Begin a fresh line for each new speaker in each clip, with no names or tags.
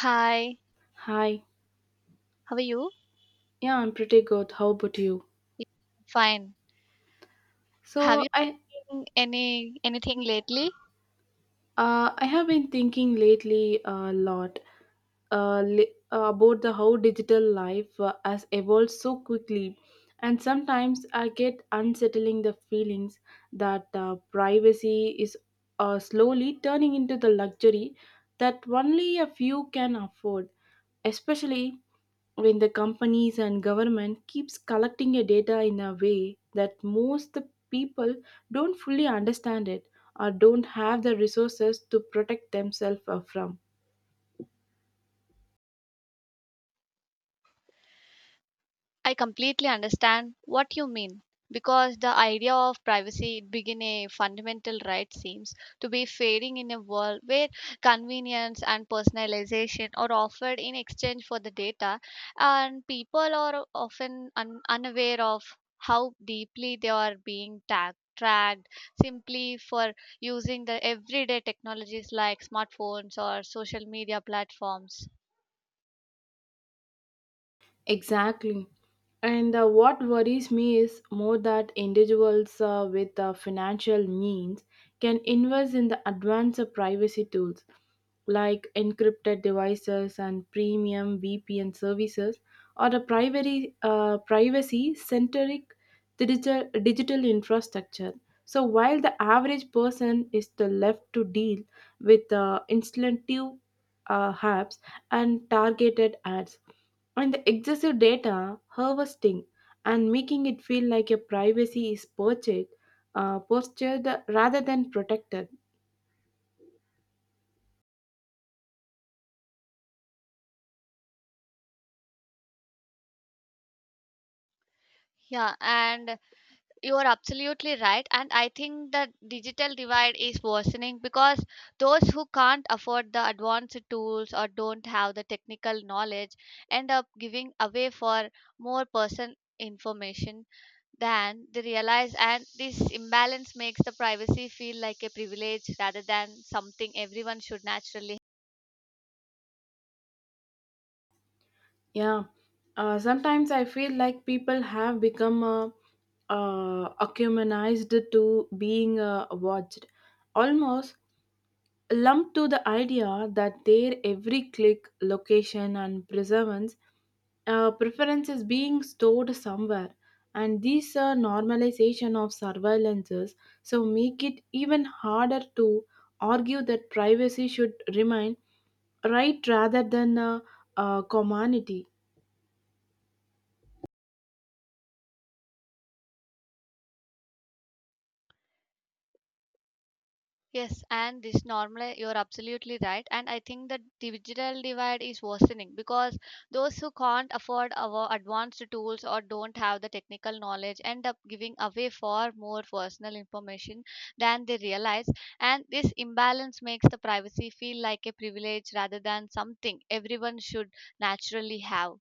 Hi,
Hi.
how are you?
Yeah, I'm pretty good. How about you?
Fine. Have
So
you
I
done anything lately?
I have been thinking lately a lot about the how digital life has evolved so quickly, and sometimes I get unsettling the feelings that privacy is slowly turning into the luxury that only a few can afford, especially when the companies and government keeps collecting your data in a way that most the people don't fully understand it or don't have the resources to protect themselves from.
I completely understand what you mean because the idea of privacy it begin a fundamental right seems to be fading in a world where convenience and personalization are offered in exchange for the data, and people are often unaware of how deeply they are being tagged tracked simply for using the everyday technologies like smartphones or social media platforms.
Exactly. And what worries me is more that individuals with financial means can invest in the advanced privacy tools like encrypted devices and premium VPN services or the privacy centric digital infrastructure. So while the average person is the left to deal with instinctive apps and targeted ads, and the excessive data harvesting and making it feel like your privacy is purchased, postured rather than protected.
Yeah, and you are absolutely right, and I think the digital divide is worsening because those who can't afford the advanced tools or don't have the technical knowledge end up giving away for more person information than they realize, and this imbalance makes the privacy feel like a privilege rather than something everyone should naturally...
Yeah, sometimes I feel like people have become accuminized to being watched, almost lumped to the idea that their every click, location, and perseverance preferences being stored somewhere, and this normalization of surveillances so make it even harder to argue that privacy should remain right rather than a commonity.
Yes, and this normally you're absolutely right. And I think the digital divide is worsening because those who can't afford our advanced tools or don't have the technical knowledge end up giving away far more personal information than they realize. And this imbalance makes the privacy feel like a privilege rather than something everyone should naturally have.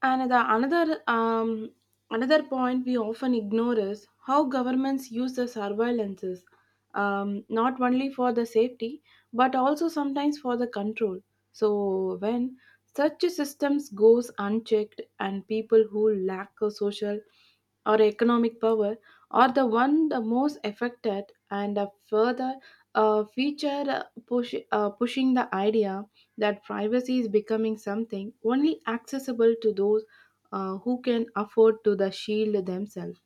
And the another point we often ignore is how governments use the surveillances, not only for the safety but also sometimes for the control. So when such systems goes unchecked and people who lack a social or economic power are the one the most affected, and a further pushing the idea that privacy is becoming something only accessible to those who can afford to the shield themselves.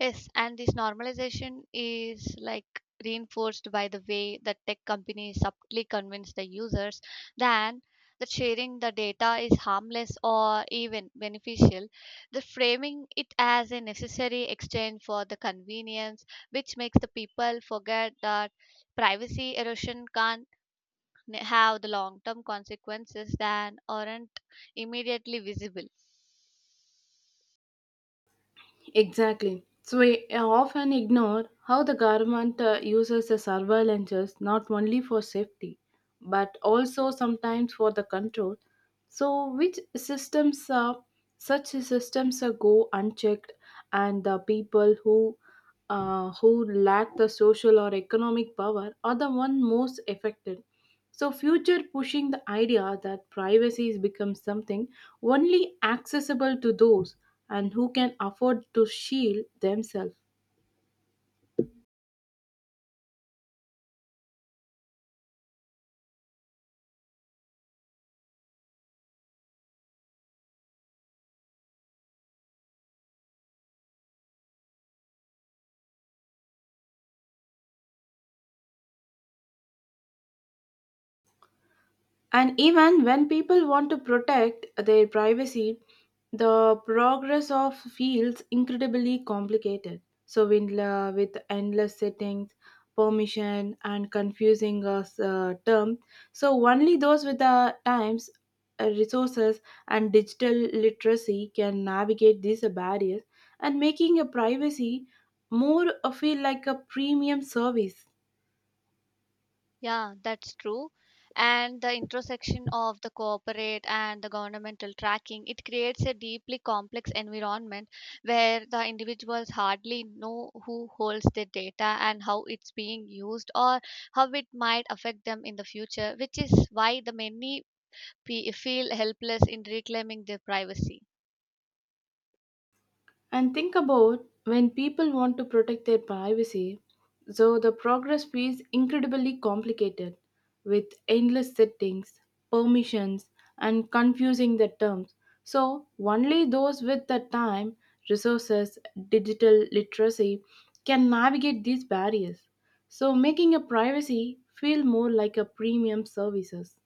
Yes, and this normalization is like reinforced by the way that tech companies subtly convince the users than that sharing the data is harmless or even beneficial. The framing it as a necessary exchange for the convenience, which makes the people forget that privacy erosion can have the long-term consequences that aren't immediately visible.
Exactly. So we often ignore how the government uses the surveillances not only for safety but also sometimes for the control. So which systems such systems go unchecked, and the people who lack the social or economic power are the one most affected. So future pushing the idea that privacy is becomes something only accessible to those and who can afford to shield themselves. And even when people want to protect their privacy, the progress of feels incredibly complicated. So, with endless settings, permission, and confusing term, so only those with the times, resources, and digital literacy can navigate these barriers, and making a privacy more feel like a premium service.
Yeah, that's true. And the intersection of the corporate and the governmental tracking, it creates a deeply complex environment where the individuals hardly know who holds their data and how it's being used or how it might affect them in the future, which is why the many feel helpless in reclaiming their privacy.
And think about when people want to protect their privacy, so the progress feels incredibly complicated with endless settings, permissions, and confusing the terms. So, only those with the time, resources, digital literacy can navigate these barriers. So, making a privacy feel more like a premium services.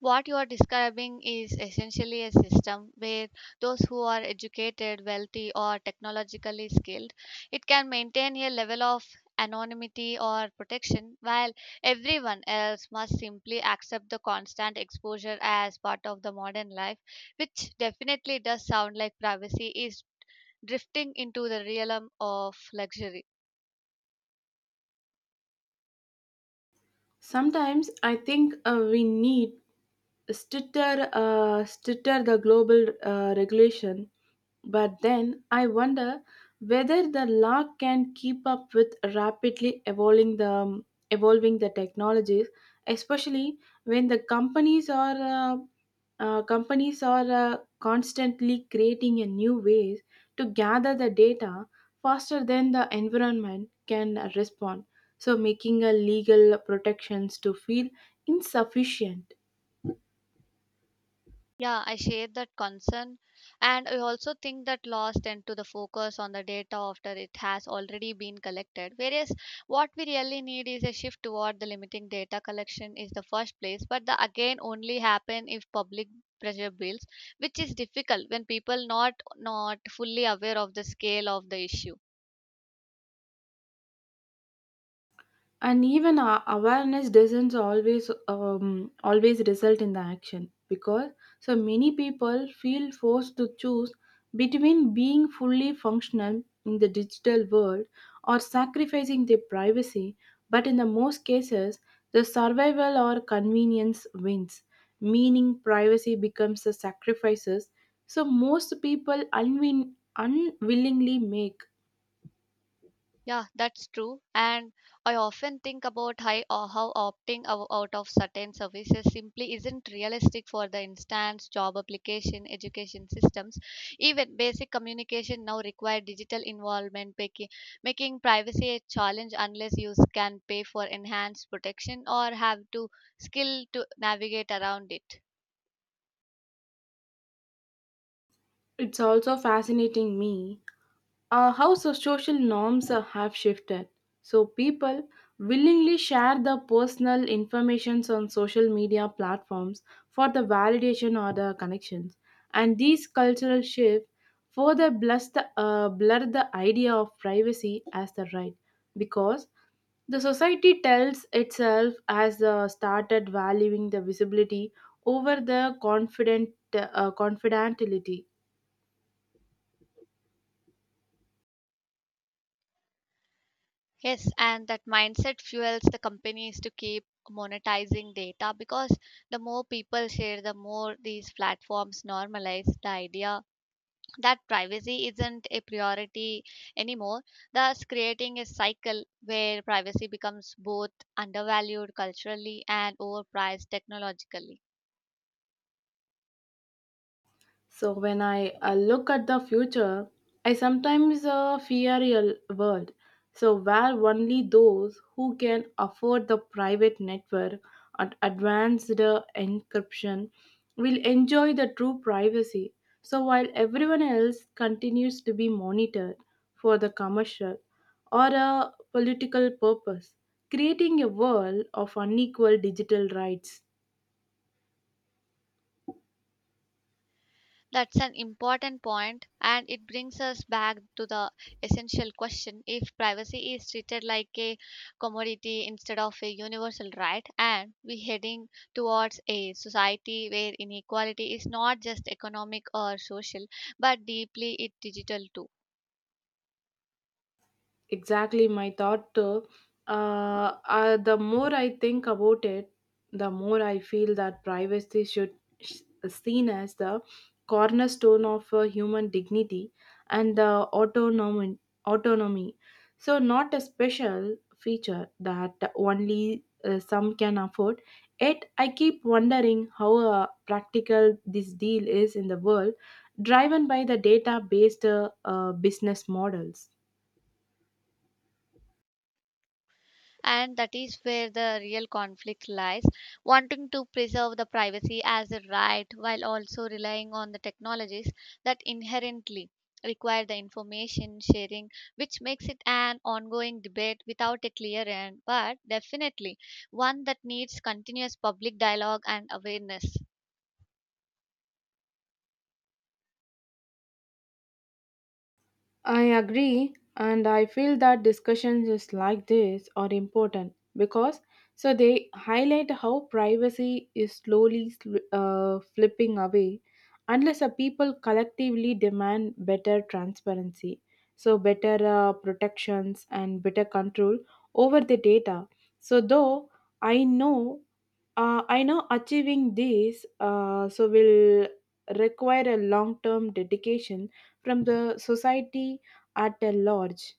What you are describing is essentially a system where those who are educated, wealthy, or technologically skilled, it can maintain a level of anonymity or protection while everyone else must simply accept the constant exposure as part of the modern life, which definitely does sound like privacy is drifting into the realm of luxury.
Sometimes I think we need stitter the global regulation, but then I wonder whether the law can keep up with rapidly evolving the technologies, especially when the companies are constantly creating a new ways to gather the data faster than the environment can respond, so making a legal protections to feel insufficient.
Yeah, I share that concern. And I also think that loss tend to the focus on the data after it has already been collected. Whereas what we really need is a shift toward the limiting data collection is the first place, but the again only happen if public pressure builds, which is difficult when people not fully aware of the scale of the issue.
And even awareness doesn't always result in the action, because so many people feel forced to choose between being fully functional in the digital world or sacrificing their privacy, but in the most cases the survival or convenience wins, meaning privacy becomes the sacrifices so most people unwillingly make.
Yeah, that's true. And I often think about how opting out of certain services simply isn't realistic for the instance job application, education systems. Even basic communication now require digital involvement, making privacy a challenge unless you can pay for enhanced protection or have to skill to navigate around it.
It's also fascinating me how so social norms have shifted. So people willingly share their personal informations on social media platforms for the validation or the connections. And these cultural shift further blur the idea of privacy as the right, because the society tells itself has started valuing the visibility over the confidentiality.
Yes, and that mindset fuels the companies to keep monetizing data because the more people share, the more these platforms normalize the idea that privacy isn't a priority anymore, thus creating a cycle where privacy becomes both undervalued culturally and overpriced technologically.
So when I look at the future, I sometimes fear a world. So where only those who can afford the private network and advanced encryption will enjoy the true privacy. So while everyone else continues to be monitored for the commercial or a political purpose, creating a world of unequal digital rights.
That's an important point, and it brings us back to the essential question if privacy is treated like a commodity instead of a universal right, and we heading towards a society where inequality is not just economic or social but deeply it digital too.
Exactly my thought too. The more I think about it, the more I feel that privacy should s- seen as the cornerstone of human dignity and autonomy. Autonomy, so not a special feature that only some can afford. Yet I keep wondering how practical this deal is in the world, driven by the data-based business models.
And that is where the real conflict lies, wanting to preserve the privacy as a right while also relying on the technologies that inherently require the information sharing, which makes it an ongoing debate without a clear end, but definitely one that needs continuous public dialogue and awareness.
I agree, and I feel that discussions is like this are important because so they highlight how privacy is slowly flipping away unless a people collectively demand better transparency, so better protections and better control over the data. So though I know I know achieving these so will require a long-term dedication from the society at a large.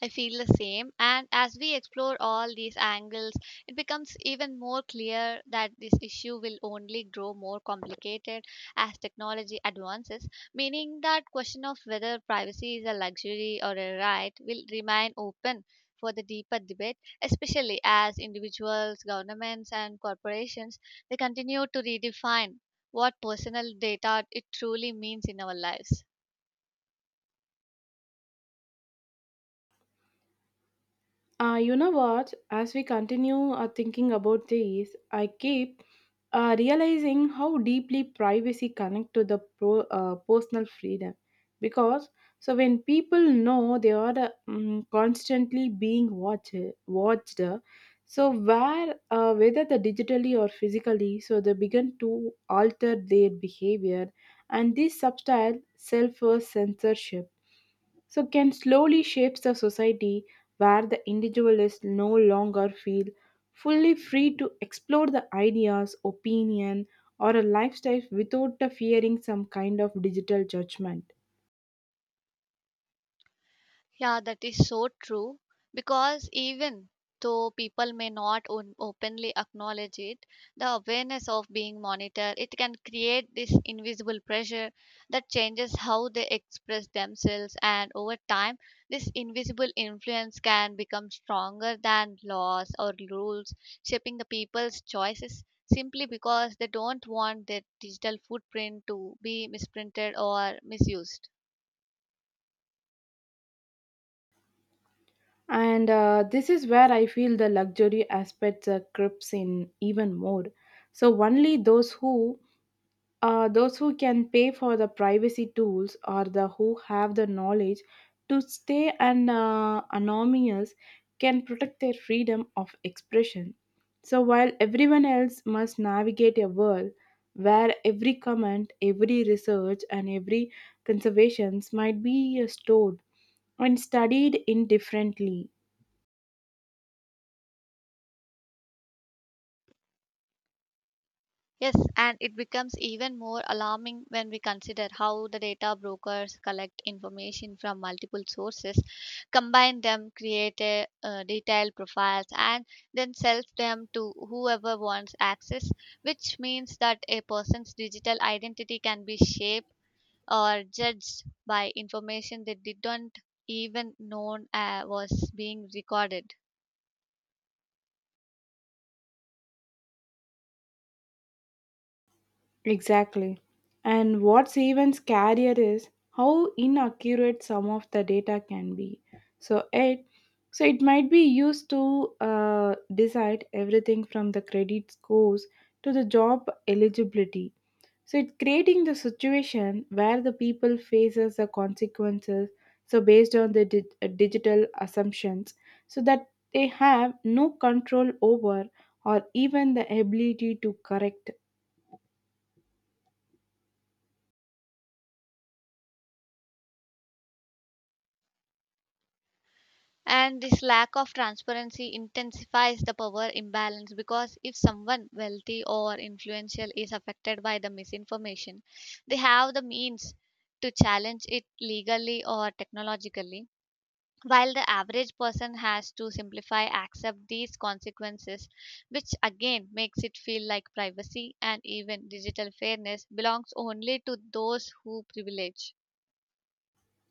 I feel the same. And as we explore all these angles, it becomes even more clear that this issue will only grow more complicated as technology advances, meaning that question of whether privacy is a luxury or a right will remain open for the deeper debate, especially as individuals, governments and corporations they continue to redefine what personal data it truly means in our lives.
You know what? As we continue thinking about this, I keep realizing how deeply privacy connect to the personal freedom. Because so when people know they are constantly being watched, so where whether the digitally or physically, so they begin to alter their behavior, and this subtle self censorship so can slowly shapes the society where the individualist no longer feel fully free to explore the ideas opinion or a lifestyle without the fearing some kind of digital judgment.
Yeah, that is so true because even though people may not openly acknowledge it, the awareness of being monitored, it can create this invisible pressure that changes how they express themselves, and over time this invisible influence can become stronger than laws or rules, shaping the people's choices simply because they don't want their digital footprint to be misprinted or misused.
And this is where I feel the luxury aspects creeps in even more, so only those who can pay for the privacy tools or the who have the knowledge to stay anonymous can protect their freedom of expression. So while everyone else must navigate a world where every comment, every research, and every conservations might be stored and studied indifferently.
Yes, and it becomes even more alarming when we consider how the data brokers collect information from multiple sources, combine them, create detailed profiles, and then sell them to whoever wants access, which means that a person's digital identity can be shaped or judged by information they didn't even know was being recorded.
Exactly. And what's even scarier is how inaccurate some of the data can be. So it so it might be used to decide everything from the credit scores to the job eligibility. So it's creating the situation where the people faces the consequences. So based on the digital assumptions, so that they have no control over or even the ability to correct.
And this lack of transparency intensifies the power imbalance because if someone wealthy or influential is affected by the misinformation, they have the means to challenge it legally or technologically, while the average person has to simplify accept these consequences, which again makes it feel like privacy and even digital fairness belongs only to those who privilege.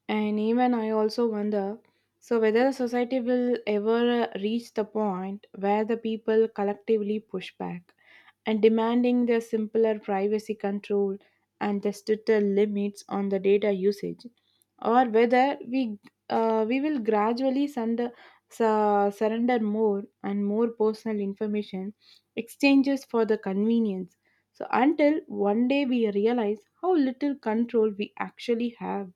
And even I also wonder so whether the society will ever reach the point where the people collectively push back and demanding the simpler privacy control and the stricter limits on the data usage, or whether we will gradually surrender more and more personal information exchanges for the convenience. So until one day we realize how little control we actually have.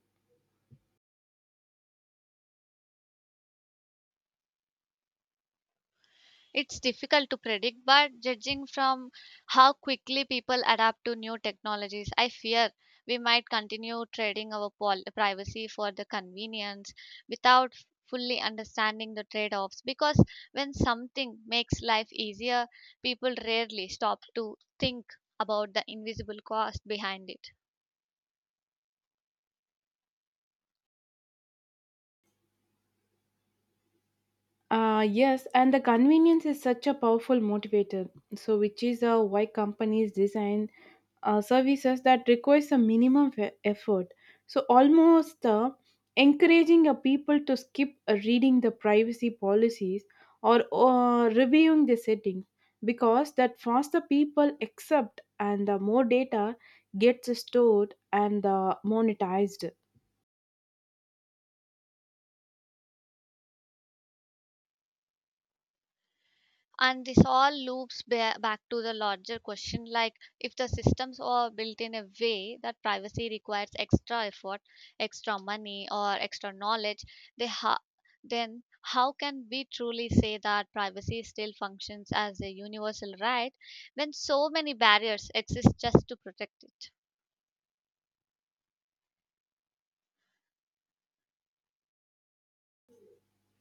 It's difficult to predict, but judging from how quickly people adapt to new technologies, I fear we might continue trading our privacy for the convenience without fully understanding the trade offs. Because when something makes life easier, people rarely stop to think about the invisible cost behind it.
Yes, and the convenience is such a powerful motivator. So, which is why companies design services that requires a minimum effort. So, almost encouraging a people to skip reading the privacy policies or reviewing the settings, because that faster people accept and the more data gets stored and monetized.
And this all loops back to the larger question like, if the systems are built in a way that privacy requires extra effort, extra money or extra knowledge, they ha- then how can we truly say that privacy still functions as a universal right when so many barriers exist just to protect it?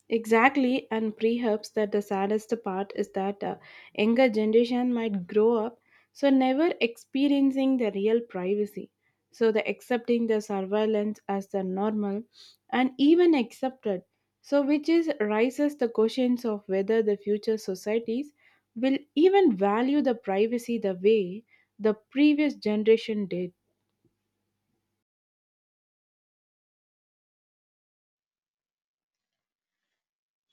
Exactly, and perhaps that the saddest part is that younger generation might grow up so never experiencing the real privacy. So the accepting the surveillance as the normal and even accepted. So which is raises the questions of whether the future societies will even value the privacy the way the previous generation did.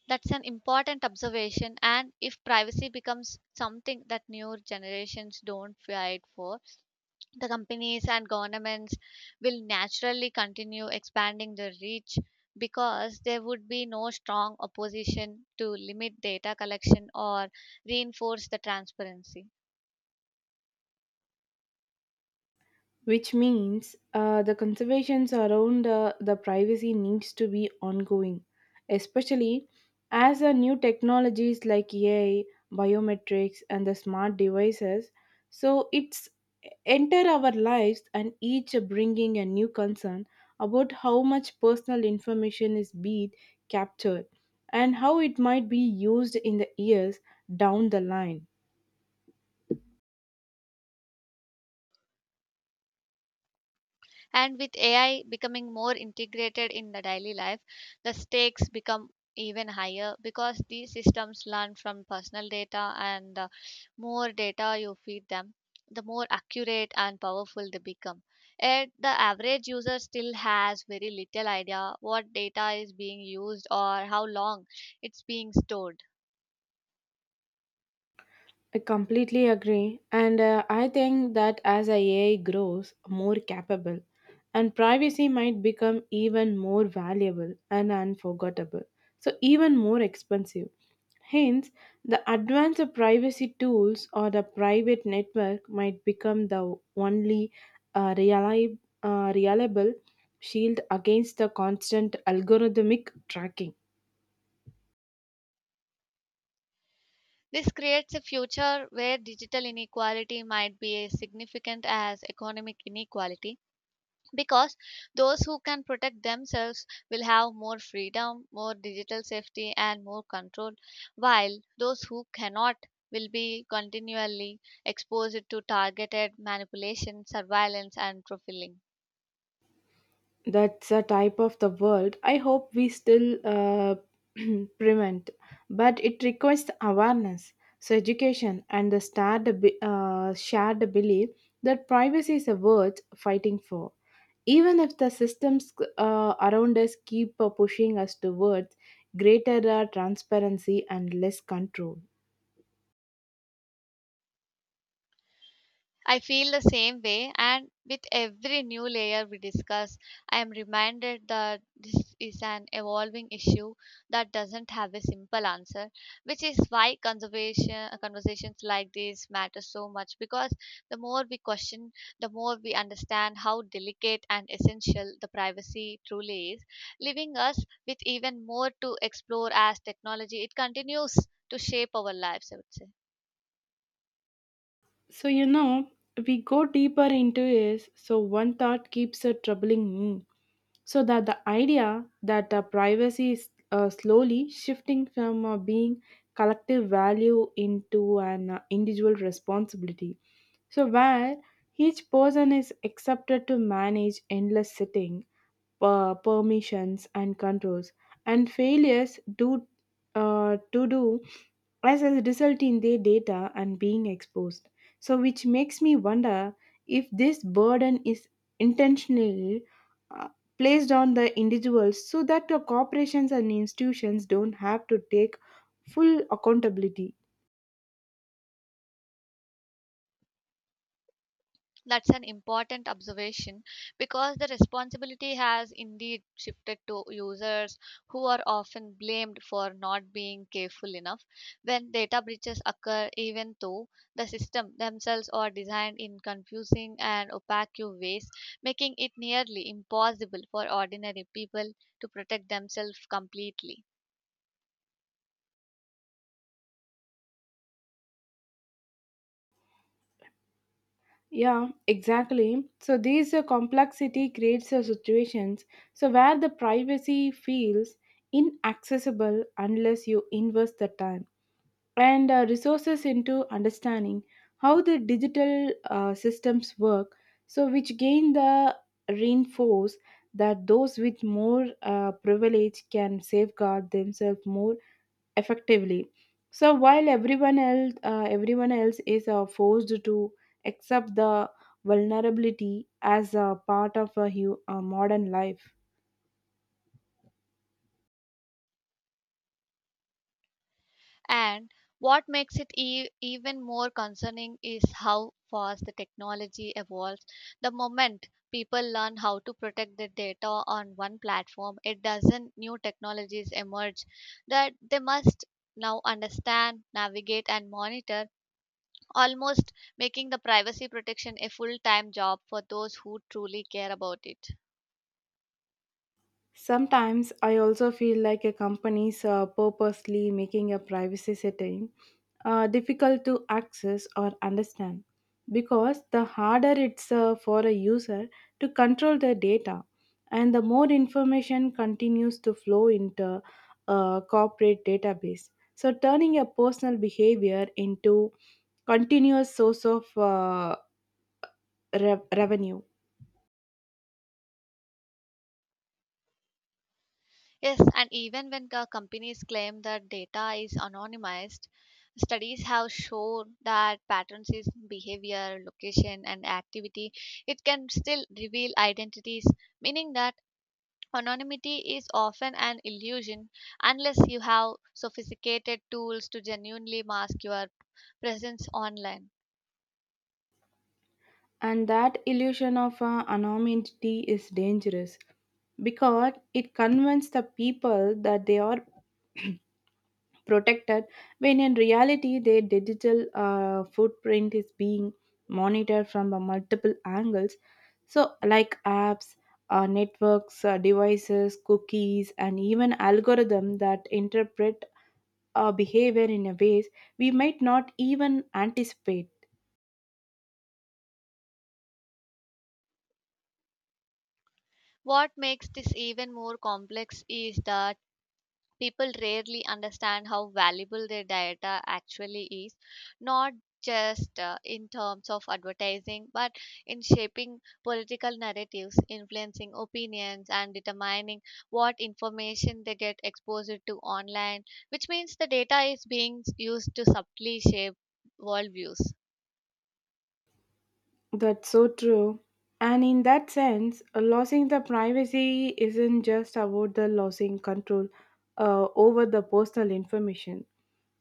That's an important observation, and if privacy becomes something that newer generations don't fight for, the companies and governments will naturally continue expanding their reach because there would be no strong opposition to limit data collection or reinforce the transparency.
Which means the conservations around the privacy needs to be ongoing, especially as new technologies like AI biometrics and the smart devices so it's enter our lives, and each bringing a new concern about how much personal information is being captured and how it might be used in the years down the line.
And with AI becoming more integrated in the daily life, the stakes become even higher because these systems learn from personal data, and the more data you feed them, the more accurate and powerful they become. Yet, the average user still has very little idea what data is being used or how long it's being stored.
I completely agree. And I think that as AI grows more capable, and privacy might become even more valuable and unforgettable. So, even more expensive. Hence, the advanced privacy tools or the private network might become the only reliable shield against the constant algorithmic tracking.
This creates a future where digital inequality might be as significant as economic inequality because those who can protect themselves will have more freedom, more digital safety, and more control, while those who cannot will be continually exposed to targeted manipulation, surveillance, and profiling.
That's a type of the world I hope we still prevent, but it requires awareness so education and the start shared belief that privacy is a worth fighting for, even if the systems around us keep pushing us towards greater transparency and less control.
I feel the same way, and with every new layer we discuss, I am reminded that this is an evolving issue that doesn't have a simple answer, which is why conservation conversations like this matter so much because the more we question, the more we understand how delicate and essential the privacy truly is, leaving us with even more to explore as technology it continues to shape our lives, I would say.
So, we go deeper into is so one thought keeps troubling me. So that the idea that privacy is slowly shifting from being collective value into an individual responsibility. So where each person is accepted to manage endless sitting, permissions and controls, and failures do to do as a result in their data and being exposed. So, which makes me wonder if this burden is intentionally uh, placed on the individuals so that the corporations and institutions don't have to take full accountability.
That's an important observation because the responsibility has indeed shifted to users who are often blamed for not being careful enough when data breaches occur, even though the system themselves are designed in confusing and opaque ways, making it nearly impossible for ordinary people to protect themselves completely.
Yeah, exactly. So, this complexity creates situations so where the privacy feels inaccessible unless you invest the time and resources into understanding how the digital systems work, so which gain the reinforce that those with more privilege can safeguard themselves more effectively, so while everyone else is forced to accept the vulnerability as a part of a modern life.
And what makes it even more concerning is how fast the technology evolves. The moment people learn how to protect their data on one platform, it doesn't new technologies emerge that they must now understand, navigate, and monitor, almost making the privacy protection a full time job for those who truly care about it.
Sometimes I also feel like a company's purposely making a privacy setting difficult to access or understand, because the harder it's for a user to control their data, and the more information continues to flow into a corporate database. So turning a personal behavior into continuous source of revenue.
Yes, and even when companies claim that data is anonymized, studies have shown that patterns in behavior, location, and activity it can still reveal identities, meaning that anonymity is often an illusion unless you have sophisticated tools to genuinely mask your presence online.
And that illusion of anonymity is dangerous because it convinces the people that they are protected when in reality their digital footprint is being monitored from multiple angles. So, like apps, networks, devices, cookies, and even algorithms that interpret our behavior in a ways we might not even anticipate.
What makes this even more complex is the people rarely understand how valuable their data actually is, not just in terms of advertising, but in shaping political narratives, influencing opinions and determining what information they get exposed to online, which means the data is being used to subtly shape worldviews.
That's so true. And in that sense, losing the privacy isn't just about the losing control over the personal information.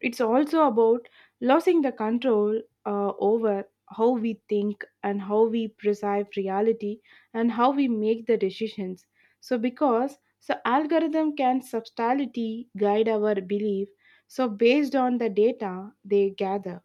It's also about losing the control over how we think and how we perceive reality and how we make the decisions. So because so algorithm can substantially guide our belief, so based on the data they gather.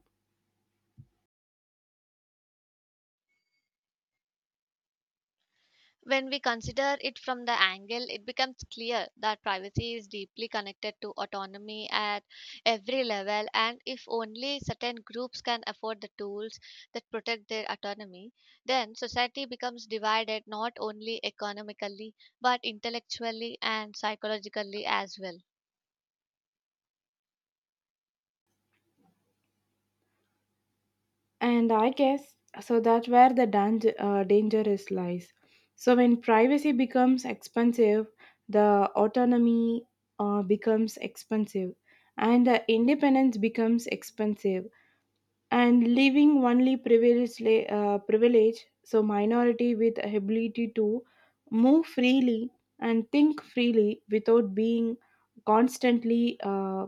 When we consider it from the angle, it becomes clear that privacy is deeply connected to autonomy at every level, and if only certain groups can afford the tools that protect their autonomy, then society becomes divided not only economically but intellectually and psychologically as well.
And I guess so that's where the danger is lies. So when privacy becomes expensive, the autonomy becomes expensive, and the independence becomes expensive. And leaving only privilege, so minority with ability to move freely and think freely without being constantly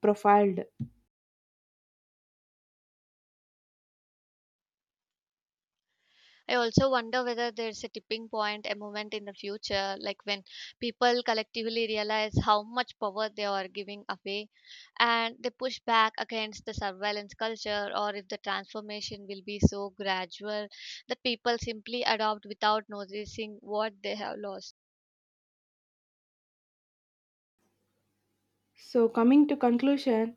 profiled.
I also wonder whether there's a tipping point, a moment in the future, like when people collectively realize how much power they are giving away and they push back against the surveillance culture, or if the transformation will be so gradual that people simply adopt without noticing what they have lost.
So coming to conclusion,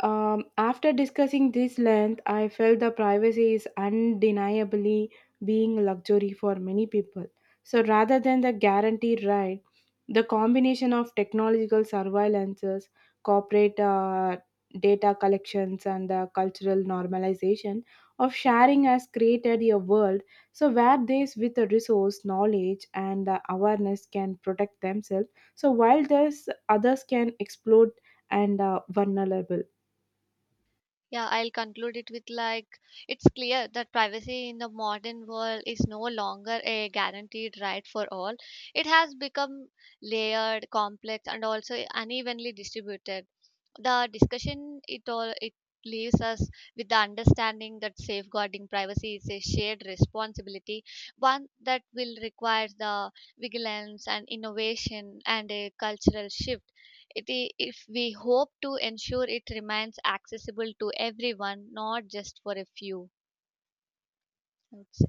After discussing this length, I felt the privacy is undeniably being a luxury for many people. So rather than the guaranteed right, the combination of technological surveillances, corporate data collections, and the cultural normalization of sharing has created a world so where those with the resource, knowledge, and the awareness can protect themselves. So while this, others can explode and vulnerable.
Yeah, I'll conclude it with like, it's clear that privacy in the modern world is no longer a guaranteed right for all. It has become layered, complex, and also unevenly distributed. The discussion it all it leaves us with the understanding that safeguarding privacy is a shared responsibility, one that will require the vigilance and innovation and a cultural shift. If we hope to ensure it remains accessible to everyone, not just for a few. I would say.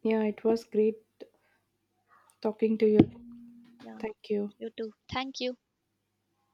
Yeah, it was great talking to you.
Yeah,
Thank you.
you too. Thank you.